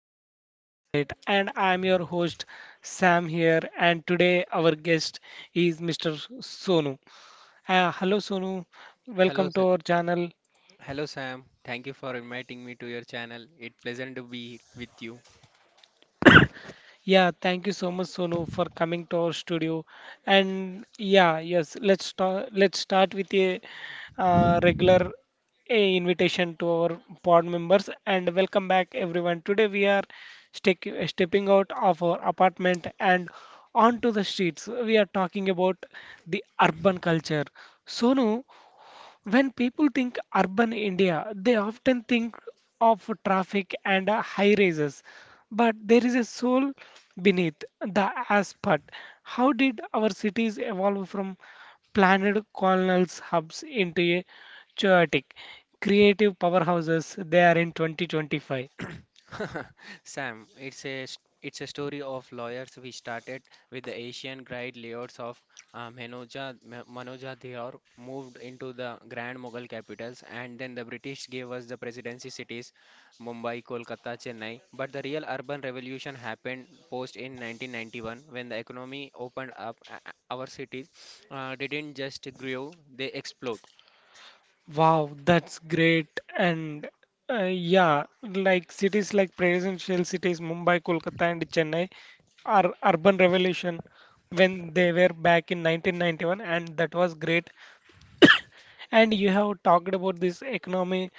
Echoes of Insight. And I'm your host, Sam, here. And today, our guest is Mr. Sonu. Hello, Sonu. Hello, Welcome to Sa- our channel. Hello, Sam. Thank you for inviting me to your channel. It's pleasant to be with you. Yeah, thank you so much, Sonu, for coming to our studio. And yeah, yes, let's start. Let's start with a regular invitation to our pod members, and welcome back, everyone. Today we are stepping out of our apartment and onto the streets. We are talking about the urban culture. Sonu, when people think urban India, they often think of traffic and high rises, but there is a soul beneath the asphalt. How did our cities evolve from planned colonial hubs into a chaotic, creative powerhouses they are in 2025? Sam, it's a story of lawyers. We started with the Asian great layouts of Manoja Dheor, moved into the Grand Mughal capitals, and then the British gave us the presidency cities, Mumbai, Kolkata, Chennai. But the real urban revolution happened post in 1991 when the economy opened up. Our cities didn't just grow; they explode. Wow, that's great. And yeah, like cities like presidential cities, Mumbai, Kolkata, and Chennai are urban revolution when they were back in 1991, and that was great. And you have talked about this economy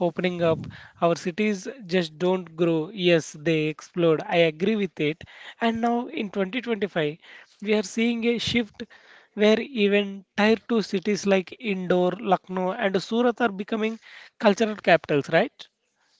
opening up. Our cities just don't grow. Yes, they explode. I agree with it. And now in 2025, we are seeing a shift where even tier 2 cities like Indore, Lucknow, and Surat are becoming cultural capitals, right?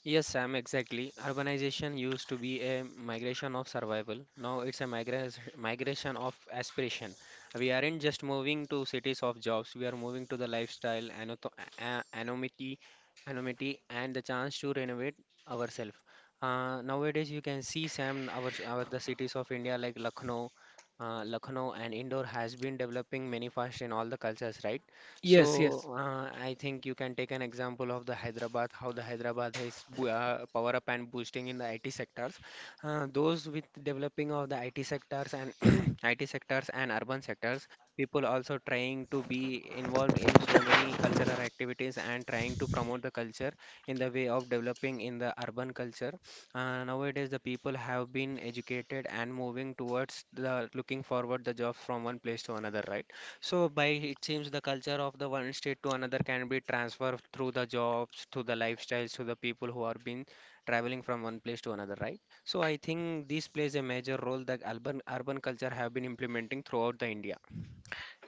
Yes, Sam, exactly. Urbanization used to be a migration of survival. Now it's a migration of aspiration. We aren't just moving to cities of jobs, we are moving to the lifestyle, a- anonymity, anonymity, and the chance to renovate ourselves. Nowadays, you can see, Sam, our the cities of India like Lucknow, Lucknow and Indore has been developing many fast in all the cultures, right? Yes, So yes. I think you can take an example of the Hyderabad, how the Hyderabad is power up and boosting in the IT sectors. Those with developing of the IT sectors and IT sectors and urban sectors, people also trying to be involved in so many cultural activities and trying to promote the culture in the way of developing in the urban culture. Nowadays, the people have been educated and moving towards the looking forward the job from one place to another, right? So by it seems the culture of the one state to another can be transferred through the jobs, through the lifestyles, to the people who are been traveling from one place to another, right? So I think this plays a major role that urban culture have been implementing throughout the India.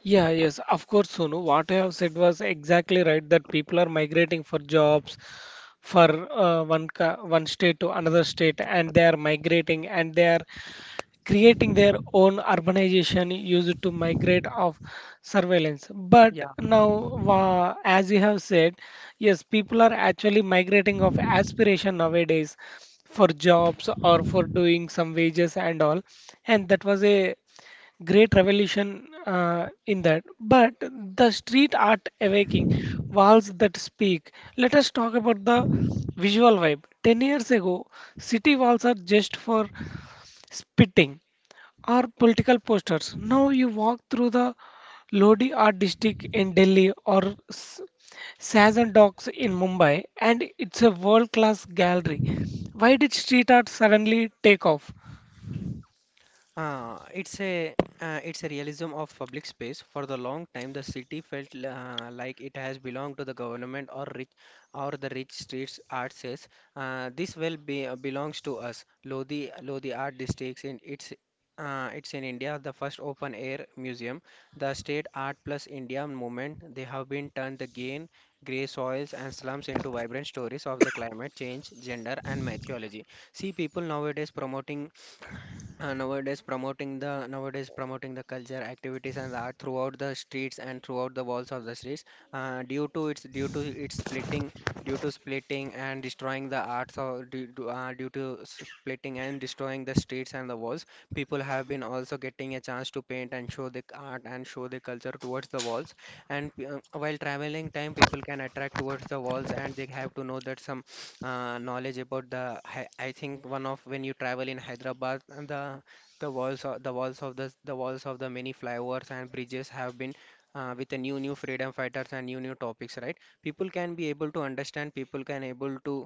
Yeah, yes, of course, Sonu. What you have said was exactly right that people are migrating for jobs for one state to another state, and they are migrating and they are creating their own urbanization used to migrate of surveillance. But as you have said, yes, people are actually migrating of aspiration nowadays for jobs or for doing some wages and all, and that was a great revolution in that. But the street art awakening, walls that speak, let us talk about the visual vibe. 10 years ago city walls are just for spitting or political posters. Now you walk through the Lodi Art District in Delhi or S- Sajan Docks in Mumbai, and it's a world-class gallery. Why did street art suddenly take off? Uh, it's a it's a realism of public space. For the long time, the city felt like it has belonged to the government or rich or the rich streets. Art says this well be, belongs to us. Lodi Art Districts in its it's in India the first open air museum. The state art plus India movement they have been turned the gain grey soils and slums into vibrant stories of the climate change, gender and mythology. See, people nowadays promoting nowadays promoting the culture activities and art throughout the streets and throughout the walls of the streets due to its splitting, due to splitting and destroying the arts, or due to splitting and destroying the streets and the walls. People have been also getting a chance to paint and show the art and show their culture towards the walls, and while traveling time, people can attract towards the walls and they have to know that some knowledge about the I think one of when you travel in Hyderabad, and the the walls of the many flyovers and bridges have been with the new new freedom fighters and new new topics, right?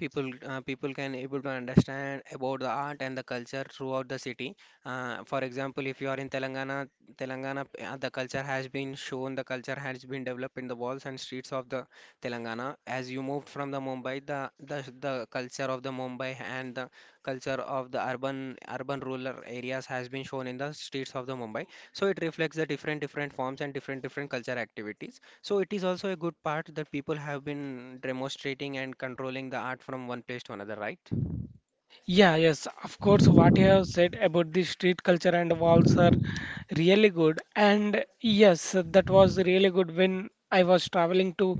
people people can able to understand about the art and the culture throughout the city. For example, if you are in telangana, the culture has been developed in the walls and streets of the telangana. As you moved from the mumbai, the, the culture of the mumbai and the culture of the urban rural areas has been shown in the streets of the mumbai. So it reflects the different forms and different culture activities. So it is also a good part that people have been demonstrating and controlling the art from one place to another, right? Yeah, yes, of course, what you have said about the street culture and walls are really good. And yes, that was really good when I was traveling to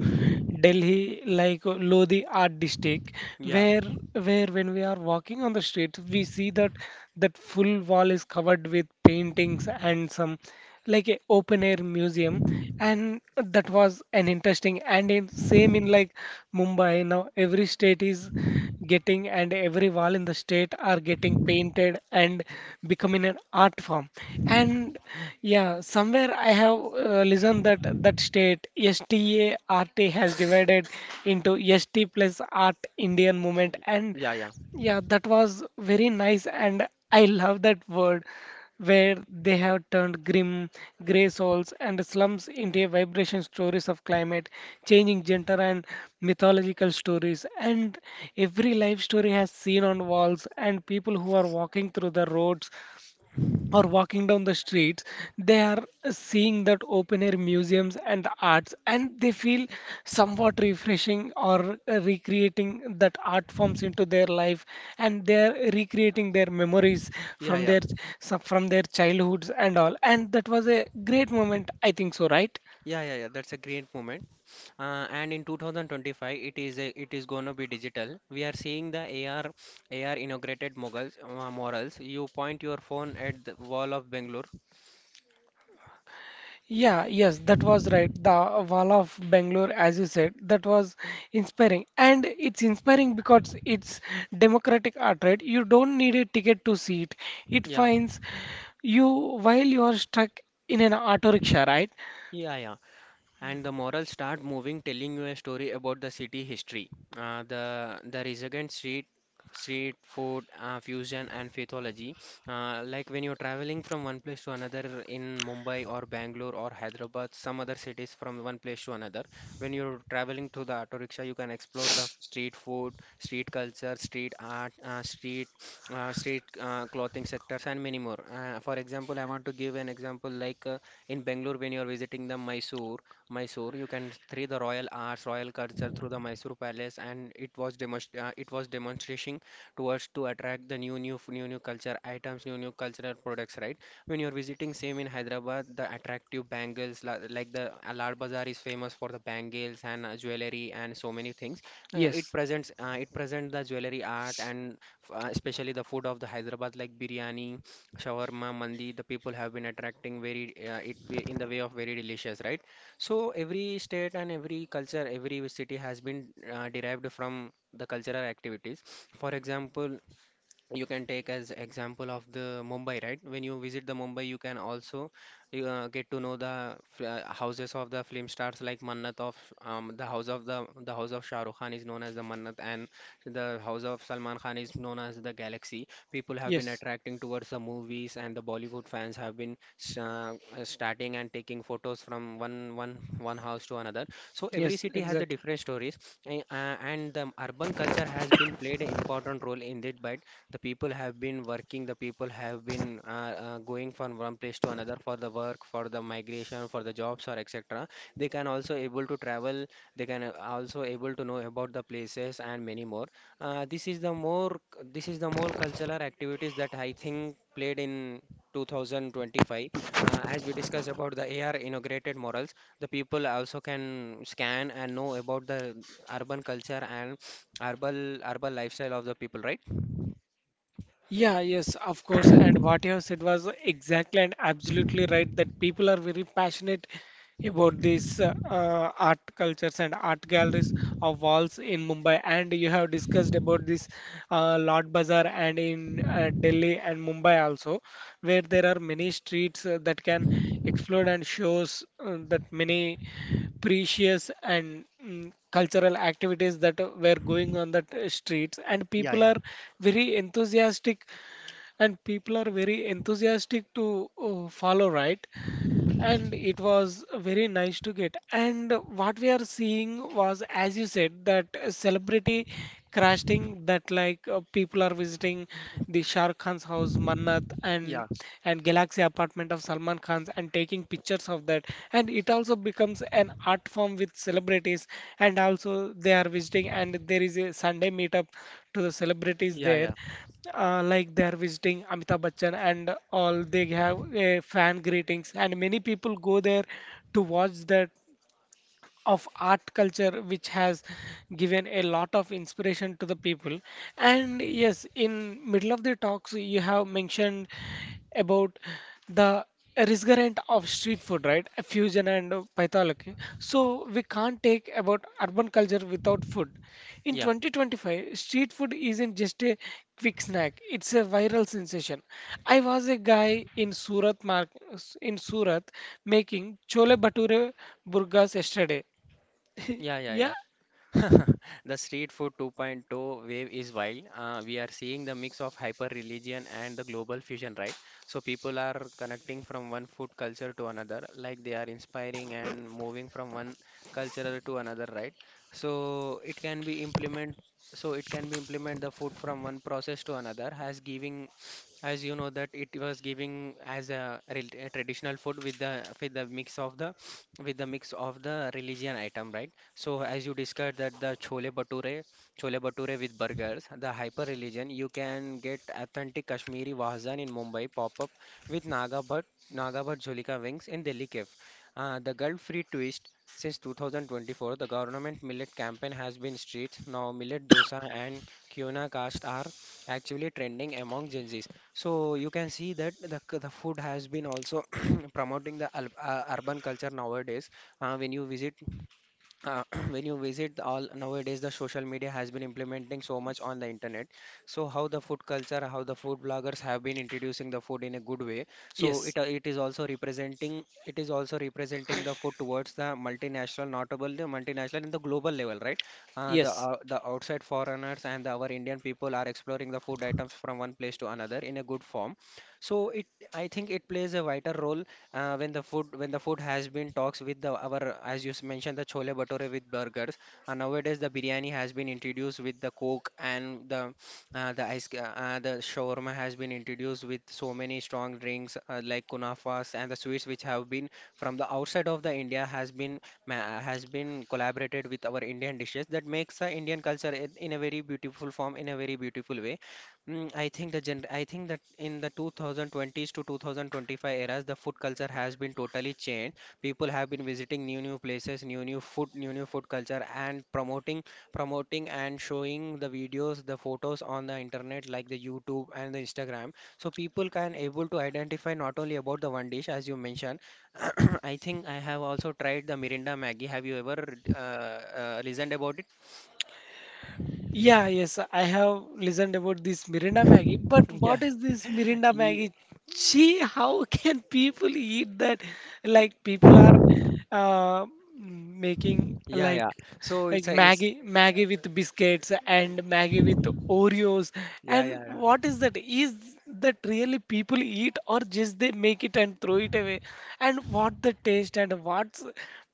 Delhi, like Lodi Art District, Yeah, where when we are walking on the street, we see that that full wall is covered with paintings and some, like a open air museum, and that was an interesting. And in same in like Mumbai now every state is getting and every wall in the state are getting painted and becoming an art form. And yeah, somewhere I have listened that that state STA RT has divided into ST plus art Indian movement. And yeah, yeah, yeah, that was very nice, and I love that word where they have turned grim, grey souls and slums into a vibration stories of climate, changing gender and mythological stories. And every life story has seen on walls, and people who are walking through the roads or walking down the streets, they are seeing that open air museums and the arts, and they feel somewhat refreshing or recreating that art forms into their life, and they're recreating their memories yeah, from yeah, their from their childhoods and all. And that was a great moment, I think so, right? yeah. That's a great moment. And in 2025, it is gonna be digital. We are seeing the AR inaugurated moguls, morals. You point your phone at the wall of Bangalore. Yeah, yes, that was right. The Wall of Bangalore, as you said, that was inspiring. And it's inspiring because it's democratic art, right? You don't need a ticket to see it. It Yeah, finds you while you are stuck in an auto rickshaw, right? yeah. And the morals start moving, telling you a story about the city history. uh, the the resurgent street food, fusion and mythology. Like when you're traveling from one place to another in mumbai or bangalore or hyderabad, some other cities from one place to another, when you're traveling to the auto rickshaw, you can explore the street food, street culture, street art, street street clothing sectors and many more. For example, I want to give an example like in Bangalore, when you're visiting the Mysore. You can see the royal arts, royal culture through the Mysore Palace, and it was it was demonstrating towards to attract the new new culture items, new new cultural products. Right? When you're visiting same in Hyderabad, the attractive bangles like the Lal Bazaar is famous for the bangles and jewelry and so many things. Yes. It presents the jewelry art and especially the food of the Hyderabad like biryani, shawarma, mandi. The people have been attracting very in the way of very delicious, right? So every state and every culture, every city has been derived from the cultural activities. For example, you can take as example of the Mumbai, right? When you visit the Mumbai, you can also get to know the houses of the film stars like Mannat of the the house of Shah Rukh Khan is known as the Mannat, and the house of Salman Khan is known as the Galaxy. People have been Yes. attracting towards the movies, and the Bollywood fans have been starting and taking photos from one house to another. So every Yes, city has the exactly. different stories, and the urban culture has been played an important role in it by the people have been working. The people have been going from one place to another for the work, for the migration, for the jobs or etc. They can also able to travel, they can also able to know about the places and many more. uh, this is the more this is the more cultural activities that I think played in 2025. As we discussed about the AR integrated morals, the people also can scan and know about the urban culture and urban lifestyle of the people, right? Yeah, yes, of course. And what you have said was exactly and absolutely right that people are very passionate about these art cultures and art galleries of walls in Mumbai. And you have discussed about this Lord Bazaar and in Delhi and Mumbai also, where there are many streets that can explore and shows that many precious and cultural activities that were going on that streets. And Yeah, yeah. Very enthusiastic people are very enthusiastic to follow, right? And it was very nice to get. And what we are seeing was, as you said, that celebrity crafting, that like people are visiting the Shah Rukh Khan's house, Mannat, Yeah, and Galaxy apartment of Salman Khan's and taking pictures of that. And it also becomes an art form with celebrities, and also they are visiting, and there is a Sunday meetup to the celebrities yeah, there, yeah, like they are visiting Amitabh Bachchan and all. They have a fan greetings and many people go there to watch that of art culture, which has given a lot of inspiration to the people. And yes, in middle of the talks, you have mentioned about the resonance of street food, right, a fusion and pathology. So we can't take about urban culture without food. In yeah, 2025 street food isn't just a quick snack, it's a viral sensation. I was a guy in surat mark in Surat making chole bhature burgas yesterday, yeah, yeah, yeah, yeah. The Street Food 2.0 wave is wild. We are seeing the mix of hyper religion and the global fusion, right? So people are connecting from one food culture to another, like they are inspiring and moving from one culture to another, right? So it can be implement. So it can be implement the food from one process to another, as giving, as you know that it was giving as a, a traditional food with the mix of the with the mix of the religion item, right? So as you discussed that the chole bhature with burgers, the hyper religion, you can get authentic Kashmiri Wahazan in Mumbai pop up with Naga but Jholika wings in Delhi Cafe. The guilt-free twist, since 2024, the government millet campaign has been streets. Now millet dosa and kyona caste are actually trending among Gen Zs. So you can see that the food has been also promoting the urban culture nowadays. When you visit uh, when you visit the all nowadays, the social media has been implementing so much on the internet. So how the food culture, how the food bloggers have been introducing the food in a good way. So yes. It is also representing the food towards the multinational notable, the multinational in the global level, right? Yes. The outside foreigners and our Indian people are exploring the food items from one place to another in a good form. So it I think it plays a vital role. When the food has been talks with the our, as you mentioned the chole bhature with burgers, nowadays the biryani has been introduced with the coke and the ice the shawarma has been introduced with so many strong drinks like kunafas, and the sweets which have been from the outside of the India has been has been collaborated with our Indian dishes, that makes the Indian culture in a very beautiful form, in a very beautiful way. I think that in the 2020s to 2025 eras, the food culture has been totally changed. People have been visiting new places, new food, new food culture, and promoting and showing the videos, the photos on the internet like the YouTube and the Instagram. So people can able to identify not only about the one dish as you mentioned. I think I have also tried the Mirinda Maggie. Have you ever listened about it? Yeah, yes, I have listened about this Mirinda Maggie, but Yeah. what is this Mirinda Ye- Maggie? Gee, how can people eat that? Like people are uh, making Yeah, yeah. So like it's a it's Maggie, Maggie with biscuits and Maggie with Oreos. Yeah, And yeah, yeah, what is that? Is that really people eat or just they make it and throw it away? And what the taste and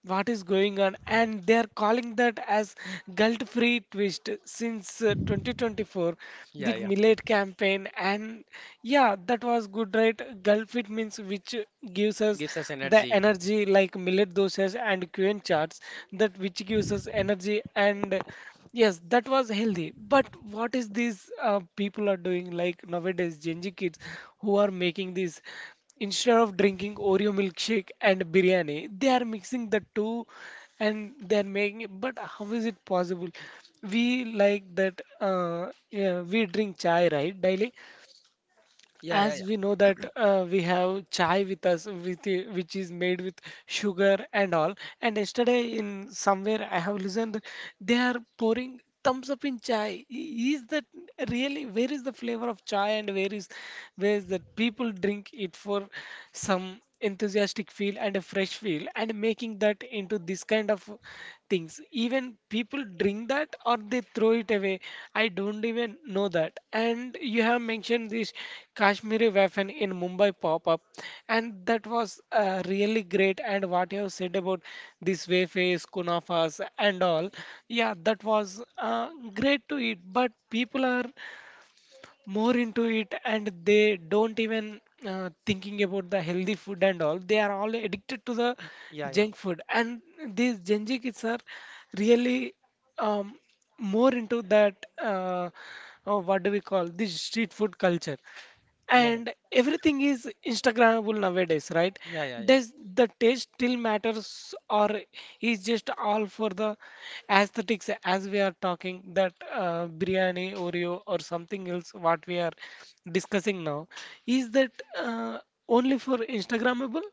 what is going on? And they are calling that as guilt-free twist since 2024 yeah, did yeah. millet campaign. And yeah, that was good, right? Gulfit means which gives us Gives us the energy. energy, like millet doshas and quinoa charts that which gives us energy. And yes, that was healthy, but what is these people are doing like nowadays Gen Z kids who are making this? Instead of drinking Oreo milkshake and biryani, they are mixing the two and they are making it. But how is it possible? We like that, yeah, we drink chai, right, daily? Yeah, yeah, As yeah, we know that we have chai with us, which is made with sugar and all. And yesterday, in somewhere, I have listened that they are pouring thumbs up in chai. Is that really? Where is the flavor of chai, and where is that people drink it for some enthusiastic feel and a fresh feel, and making that into this kind of things? Even people drink that or they throw it away, I don't even know that. And you have mentioned this Kashmiri waffle in Mumbai pop up, and that was really great. And what you have said about this wafers kunafas and all, yeah, that was great to eat. But people are more into it and they don't even thinking about the healthy food and all. They are all addicted to the yeah, junk food, and these Gen Z kids are really um, more into that, uh, what do we call this street food culture. yeah, yeah, And everything is instagrammable nowadays, right? yeah, yeah, yeah. Does the taste still matters, or is just all for the aesthetics? As we are talking that biryani oreo or something else, what we are discussing now, is that uh, only for instagrammable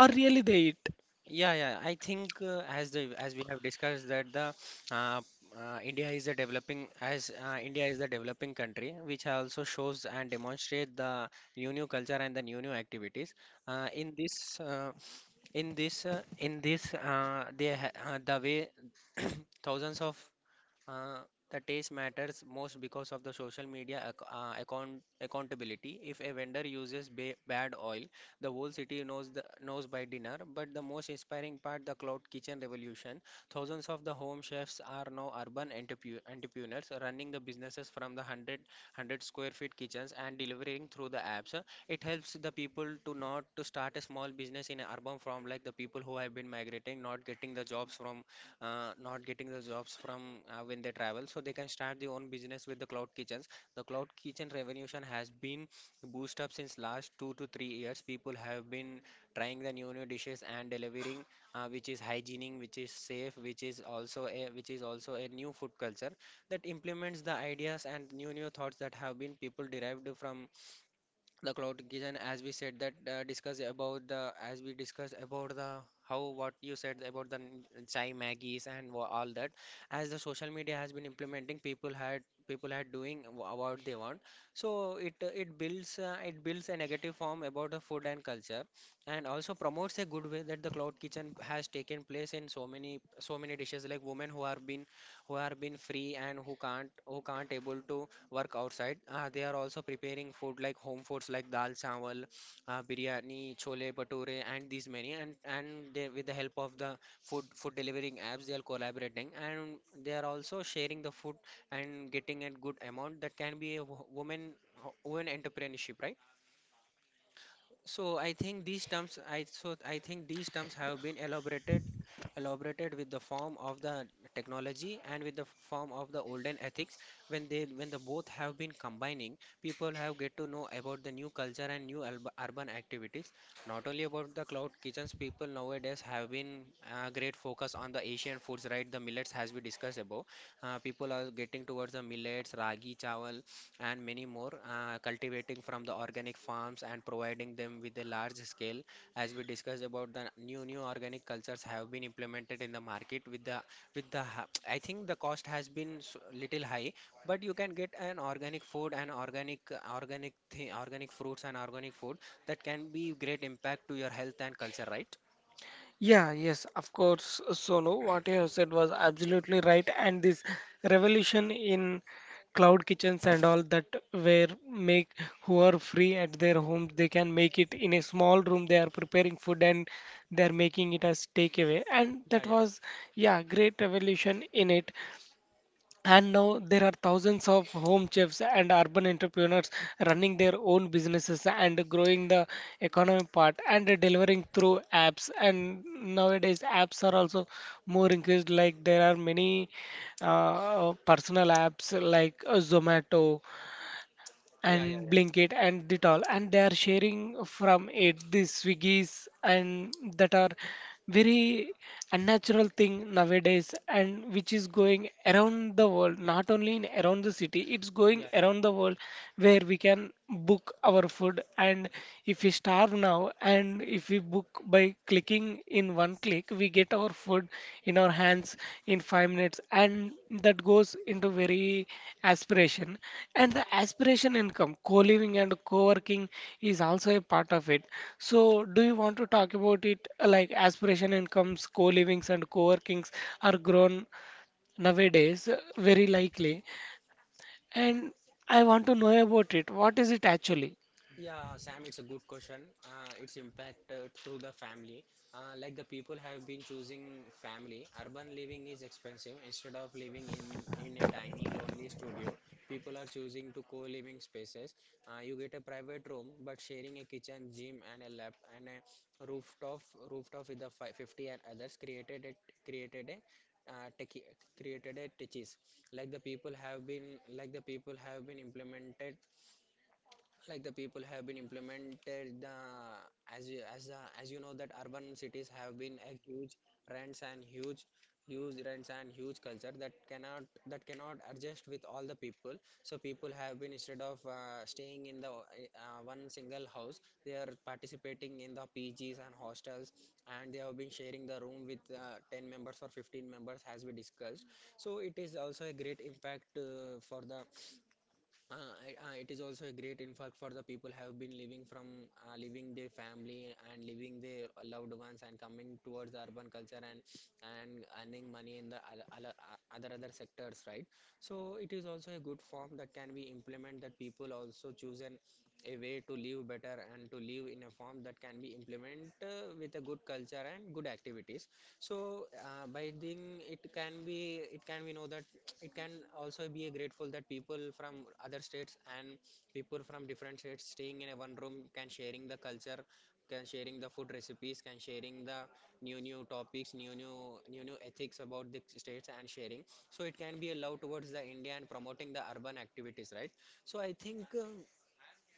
or really they eat? Yeah, yeah, yeah. I think as the as we have discussed that the uh, India is a developing as India is the developing country, which also shows and demonstrate the new culture and the new activities. In this in this in this they ha The way thousands of Uh, the taste matters most because of the social media ac accountability. If a vendor uses ba bad oil, the whole city knows by dinner. But the most inspiring part, the cloud kitchen revolution. Thousands of the home chefs are now urban entrepreneurs running the businesses from the 100, square feet kitchens and delivering through the apps. It helps the people to not to start a small business in an urban form, like the people who have been migrating, not getting the jobs from not getting the jobs from when they travel, so they can start their own business with the cloud kitchens. The cloud kitchen revolution has been boost up since last 2 to 3 years. People have been trying the new dishes and delivering, which is hygienic, which is safe, which is also a new food culture that implements the ideas and new thoughts that have been people derived from the cloud kitchen. As we said that discuss about the as we discussed about the how what you said about the chai maggies and all that. As the social media has been implementing, people had doing what they want. So it builds a negative form about the food and culture, and also promotes a good way that the cloud kitchen has taken place in so many dishes, like women who are been free and who can't able to work outside. They are also preparing food like home foods like dal chawal, biryani, chole bhature, and these many. And they, with the help of the food delivering apps, they are collaborating and they are also sharing the food and getting a good amount that can be a woman entrepreneurship, right? So I think these terms have been elaborated with the form of the technology and with the form of the olden ethics. When they when the both have been combining, people have get to know about the new culture and new urban activities. Not only about the cloud kitchens, people nowadays have been great focus on the Asian foods, right? The millets, as we discussed above, people are getting towards the millets, ragi chawal and many more, cultivating from the organic farms and providing them with a large scale. As we discussed about the new organic cultures have been implemented in the market with the I think the cost has been little high, but you can get an organic food and organic fruits and organic food that can be great impact to your health and culture, right? Yeah, yes, of course, Solo. What you have said was absolutely right. And this revolution in cloud kitchens and all that, where make who are free at their homes, they can make it in a small room. They are preparing food and they are making it as takeaway. And that Yeah, yeah, was, yeah, great revolution in it. And now there are thousands of home chefs and urban entrepreneurs running their own businesses and growing the economy part and delivering through apps. And nowadays, apps are also more increased. Like there are many personal apps, like Zomato yeah, yeah, and yeah, Blinkit and the all, and they are sharing from it the Swiggies, and that are very unnatural thing nowadays, and which is going around the world, not only in around the city, it's going yeah. around the world where we can book our food. And if we starve now, and if we book by clicking in one click, we get our food in our hands in 5 minutes, and that goes into very aspiration. And the aspiration income, co living and co working is also a part of it. So, do you want to talk about it like aspiration incomes, co livings, and co workings are grown nowadays very likely? And I want to know about it. What is it actually? Yeah, Sam, it's a good question. Its impact through the family. Like, the people have been choosing family. Urban living is expensive. Instead of in a tiny, lonely studio, people are choosing to co-living spaces. You get a private room, but sharing a kitchen, gym, and a lab and a rooftop with the fi 50 and others. Created it, created a created a techies, like the people have been implemented, like the people have been implemented uh, as you know that urban cities have been a huge rents and huge rents and huge culture that cannot adjust with all the people. So people have been, instead of staying in the one single house, they are participating in the PGs and hostels, and they have been sharing the room with 10 members or 15 members as we discussed. So it is also a great impact it is also a great impact for the people have been living from leaving their family and leaving their loved ones and coming towards the urban culture, and earning money in the other other sectors, right? So it is also a good form that can be implement, that people also choose an a way to live better and to live in a form that can be implement with a good culture and good activities. So by doing, it can be, it can we know that it can also be grateful that people from different states staying in a one room can sharing the culture, can sharing the food recipes, can sharing the new topics, new ethics about the states and sharing. So it can be a love towards the india and promoting the urban activities, right? So I think uh,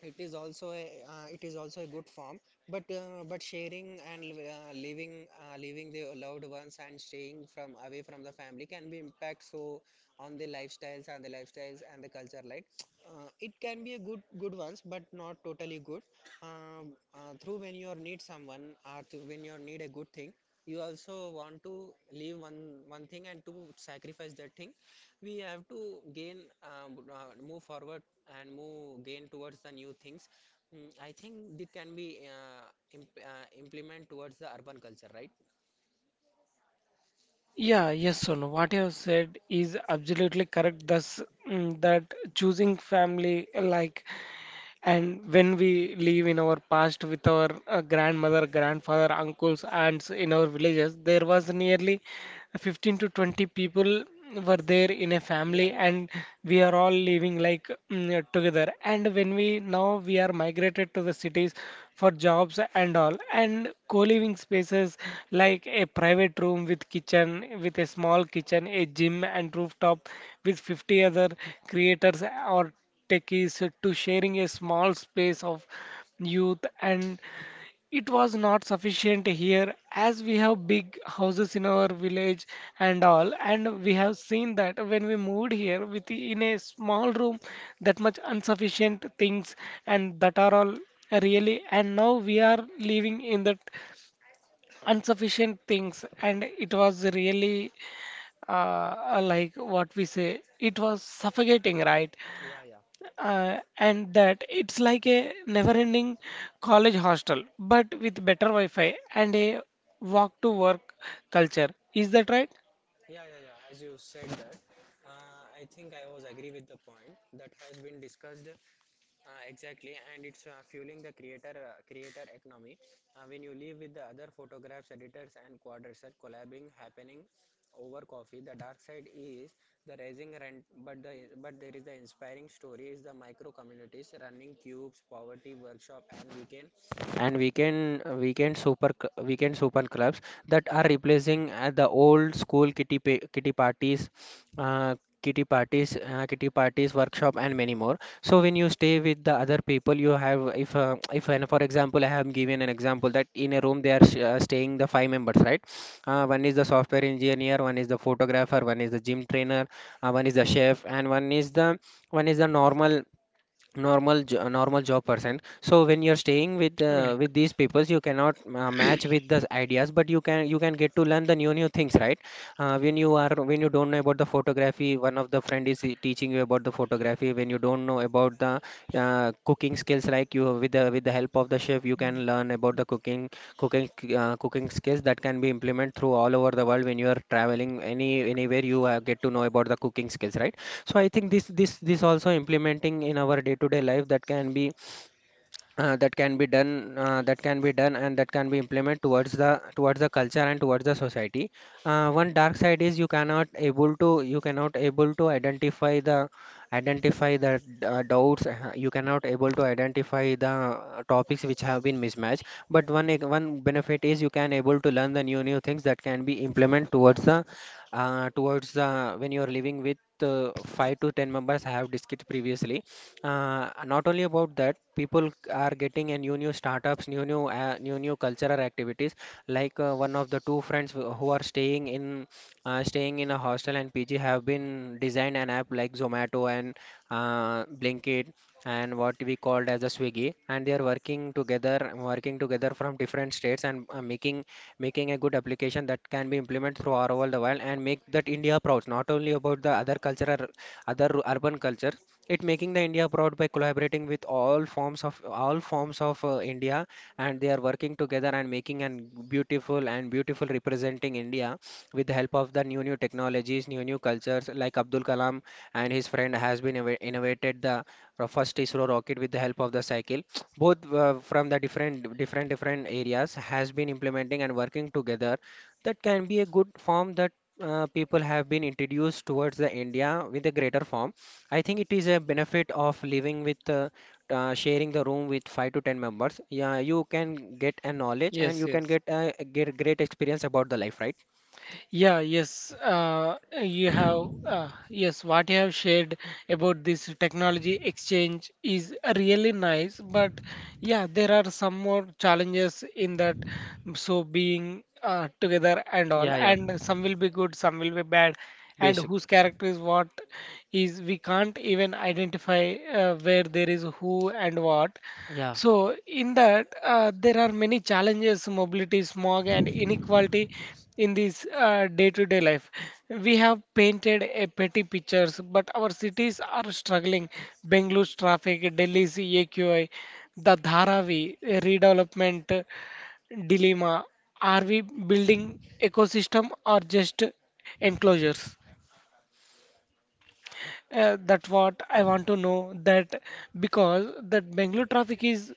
it is also a uh, it is also a good form. But but sharing and li- leaving leaving the loved ones and staying from away from the family can be impact so on the lifestyles and the culture. Like, it can be a good ones, but not totally good. Through when you need someone, or through when you need a good thing, you also want to leave one thing and to sacrifice that thing. We have to gain, move forward and move gain towards the new things. Mm, I think they can be implement towards the urban culture, right? Yeah, yes, Sonu. What you have said is absolutely correct. Thus, that choosing family, like. And when we live in our past with our grandmother, grandfather, uncles, aunts in our villages, there was nearly 15 to 20 people were there in a Yeah, family, yeah, and we are all living like together. And when we now we are migrated to the cities for jobs and all, and co-living spaces like a private room with kitchen, with a small kitchen, a gym, and rooftop with 50 other creators or tech is to sharing a small space of youth. And it was not sufficient here, as we have big houses in our village and all. And we have seen that when we moved here with in a small room, that much insufficient things, and that are all really. And now we are living in that insufficient things, and it was really, like what we say, it was suffocating, right? yeah, yeah, And that it's like a never-ending college hostel, but with better Wi-Fi and a walk-to-work culture. Is that right? yeah, yeah, yeah. As you said that, I think I was agree with the point that has been discussed. Exactly, and it's fueling the creator economy. When you live with the other photographs, editors, and quadrature collabing happening over coffee, the dark side is the rising rent, but there is the inspiring story is the micro communities running cubes, poverty workshop, and weekend weekend super clubs that are replacing the old school kitty parties, uh, kitty parties workshop, and many more. So when you stay with the other people, you have if and for example, I have given an example that in a room they are staying the five members, right? Uh, one is the software engineer, one is the photographer, one is the gym trainer, one is the chef, and one is the normal job person. So when you're staying Right. with these people, you cannot match with the ideas, but you can get to learn the new things, right? Uh, when you are when you don't know about the photography, one of the friend is teaching you about the photography. When you don't know about the cooking skills, like you, with the help of the chef, you can learn about the cooking cooking skills that can be implemented through all over the world. When you are traveling anywhere, you get to know about the cooking skills, right? So I think this also implementing in our day to day life that can be that can be done and that can be implemented towards the culture and towards the society. Uh, one dark side is you cannot able to identify the doubts. You cannot able to identify the topics which have been mismatched. But one benefit is you can able to learn the new things that can be implemented towards the when you are living with 5 to 10 members, I have discussed previously. Uh, not only about that, people are getting a new startups, new cultural activities. Like one of the two friends who are staying in staying in a hostel and PG have been designed an app like Zomato and Blinkit and what we called as a Swiggy, and they are working together from different states and making a good application that can be implemented through all over the world and make that India proud. Not only about the other cultural, other urban culture, it making the India proud by collaborating with all forms of India, and they are working together and making an beautiful and beautiful representing India with the help of the new new technologies, new new cultures. Like Abdul Kalam and his friend has been innovated the first ISRO rocket with the help of the cycle. Both from the different different areas has been implementing and working together, that can be a good form. That people have been introduced towards the India with a greater form. I think it is a benefit of living with sharing the room with 5 to 10 members. Yeah, you can get a knowledge, and Yes, you can yes. get a get great experience about the life, right? Yeah, yes, yes, what you have shared about this technology exchange is really nice, but yeah, there are some more challenges in that. So, being together and all, Yeah, yeah. and some will be good, some will be bad, and Basic. whose character is what is we can't even identify where there is who and what. Yeah. So, in that, there are many challenges, mobility, smog, and inequality in this day-to-day life. We have painted a pretty pictures, but our cities are struggling. Bengalore's traffic, Delhi's AQI, the Dharavi redevelopment dilemma. Are we building ecosystem or just enclosures? That's what I want to know, that because that Bangalore traffic is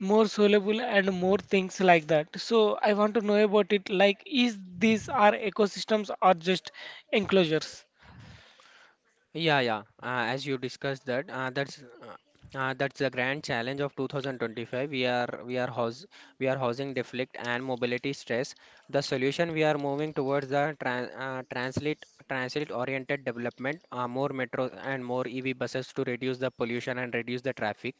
more soluble and more things like that. So I want to know about it. Like, is these are ecosystems or just enclosures? Yeah, yeah. As you discussed that, that's the grand challenge of 2025. We are housing deflect and mobility stress. The solution, we are moving towards the transit oriented development, more metros and more EV buses to reduce the pollution and reduce the traffic.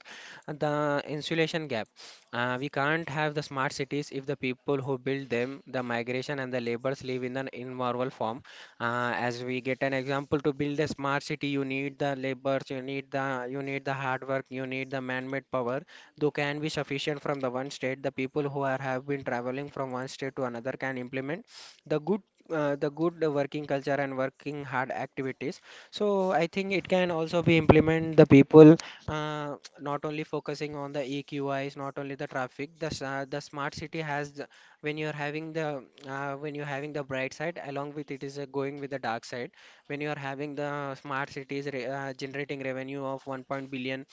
The insulation gap. We can't have the smart cities if the people who build them, the migration and the labors, live in an informal form. As we get an example, to build a smart city you need the labors, you need the hard work, you need the man-made power, though can be sufficient from the one state. The people who are, have been traveling from one state to another can implement the good the good working culture and working hard activities. So I think it can also be implement the people, uh, not only focusing on the EQIs, not only the traffic. The the smart city has, when you're having the when you're having the bright side, along with it is going with the dark side. When you are having the smart cities generating revenue of 1 point billion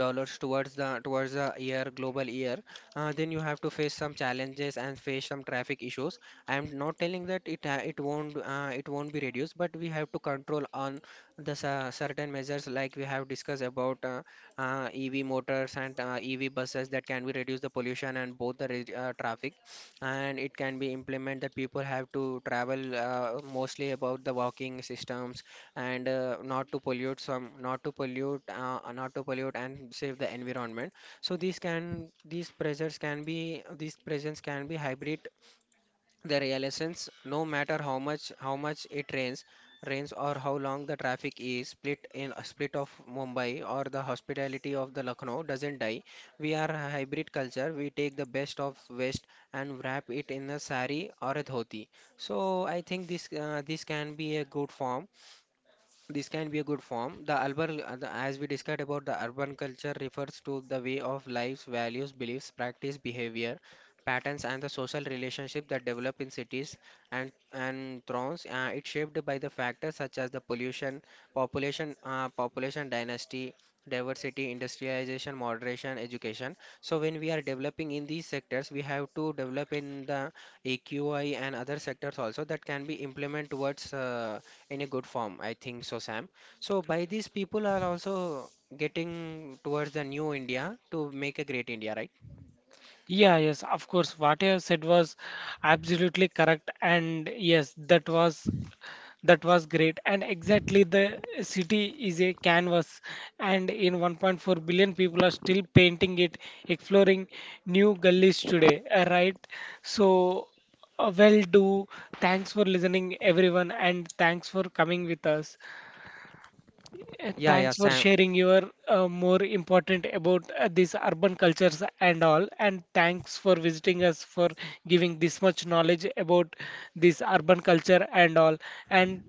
dollars towards the year global year, then you have to face some challenges and face some traffic issues. I'm not telling that it it won't be reduced, but we have to control on the certain measures like we have discussed about EV motors and EV buses that can be reduce the pollution and both the traffic. And it can be implement that people have to travel mostly about the walking systems, and not to pollute not to pollute and save the environment. So these can, these pressures can be, these presents can be hybrid, the real essence. No matter how much it rains or how long the traffic is split, in a split of Mumbai, or the hospitality of the Lucknow doesn't die. We are a hybrid culture. We take the best of west and wrap it in a sari or a dhoti. So I think this can be a good form. This can be a good form. The urban, as we discussed about the urban culture, refers to the way of lives, values, beliefs, practice, behavior, patterns, and the social relationship that develop in cities and and towns. It's shaped by the factors such as the pollution, population, population dynasty, diversity, industrialization, moderation, education. So when we are developing in these sectors, we have to develop in the AQI and other sectors also that can be implemented towards. In a good form. I think so, Sam. So by these, people are also getting towards the new India to make a great India, right? Yeah, yes, of course. What I have said was absolutely correct, and yes, that was great and exactly the city is a canvas, and in 1.4 billion people are still painting it, exploring new gullies today, right? So well do, thanks for listening, everyone, and thanks for coming with us. Yeah, yeah, Thanks for Sam. sharing your more important about these urban cultures and all, and thanks for visiting us for giving this much knowledge about this urban culture and all. And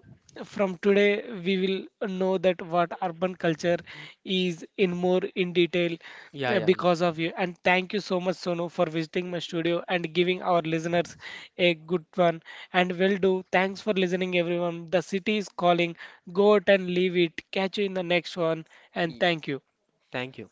from today, we will know that what urban culture is in more in detail, Yeah, yeah, yeah. because of you. And thank you so much, Sonu, for visiting my studio and giving our listeners a good one. And will do. Thanks for listening, everyone. The city is calling. Go out and leave it. Catch you in the next one. And Y- thank you. Thank you.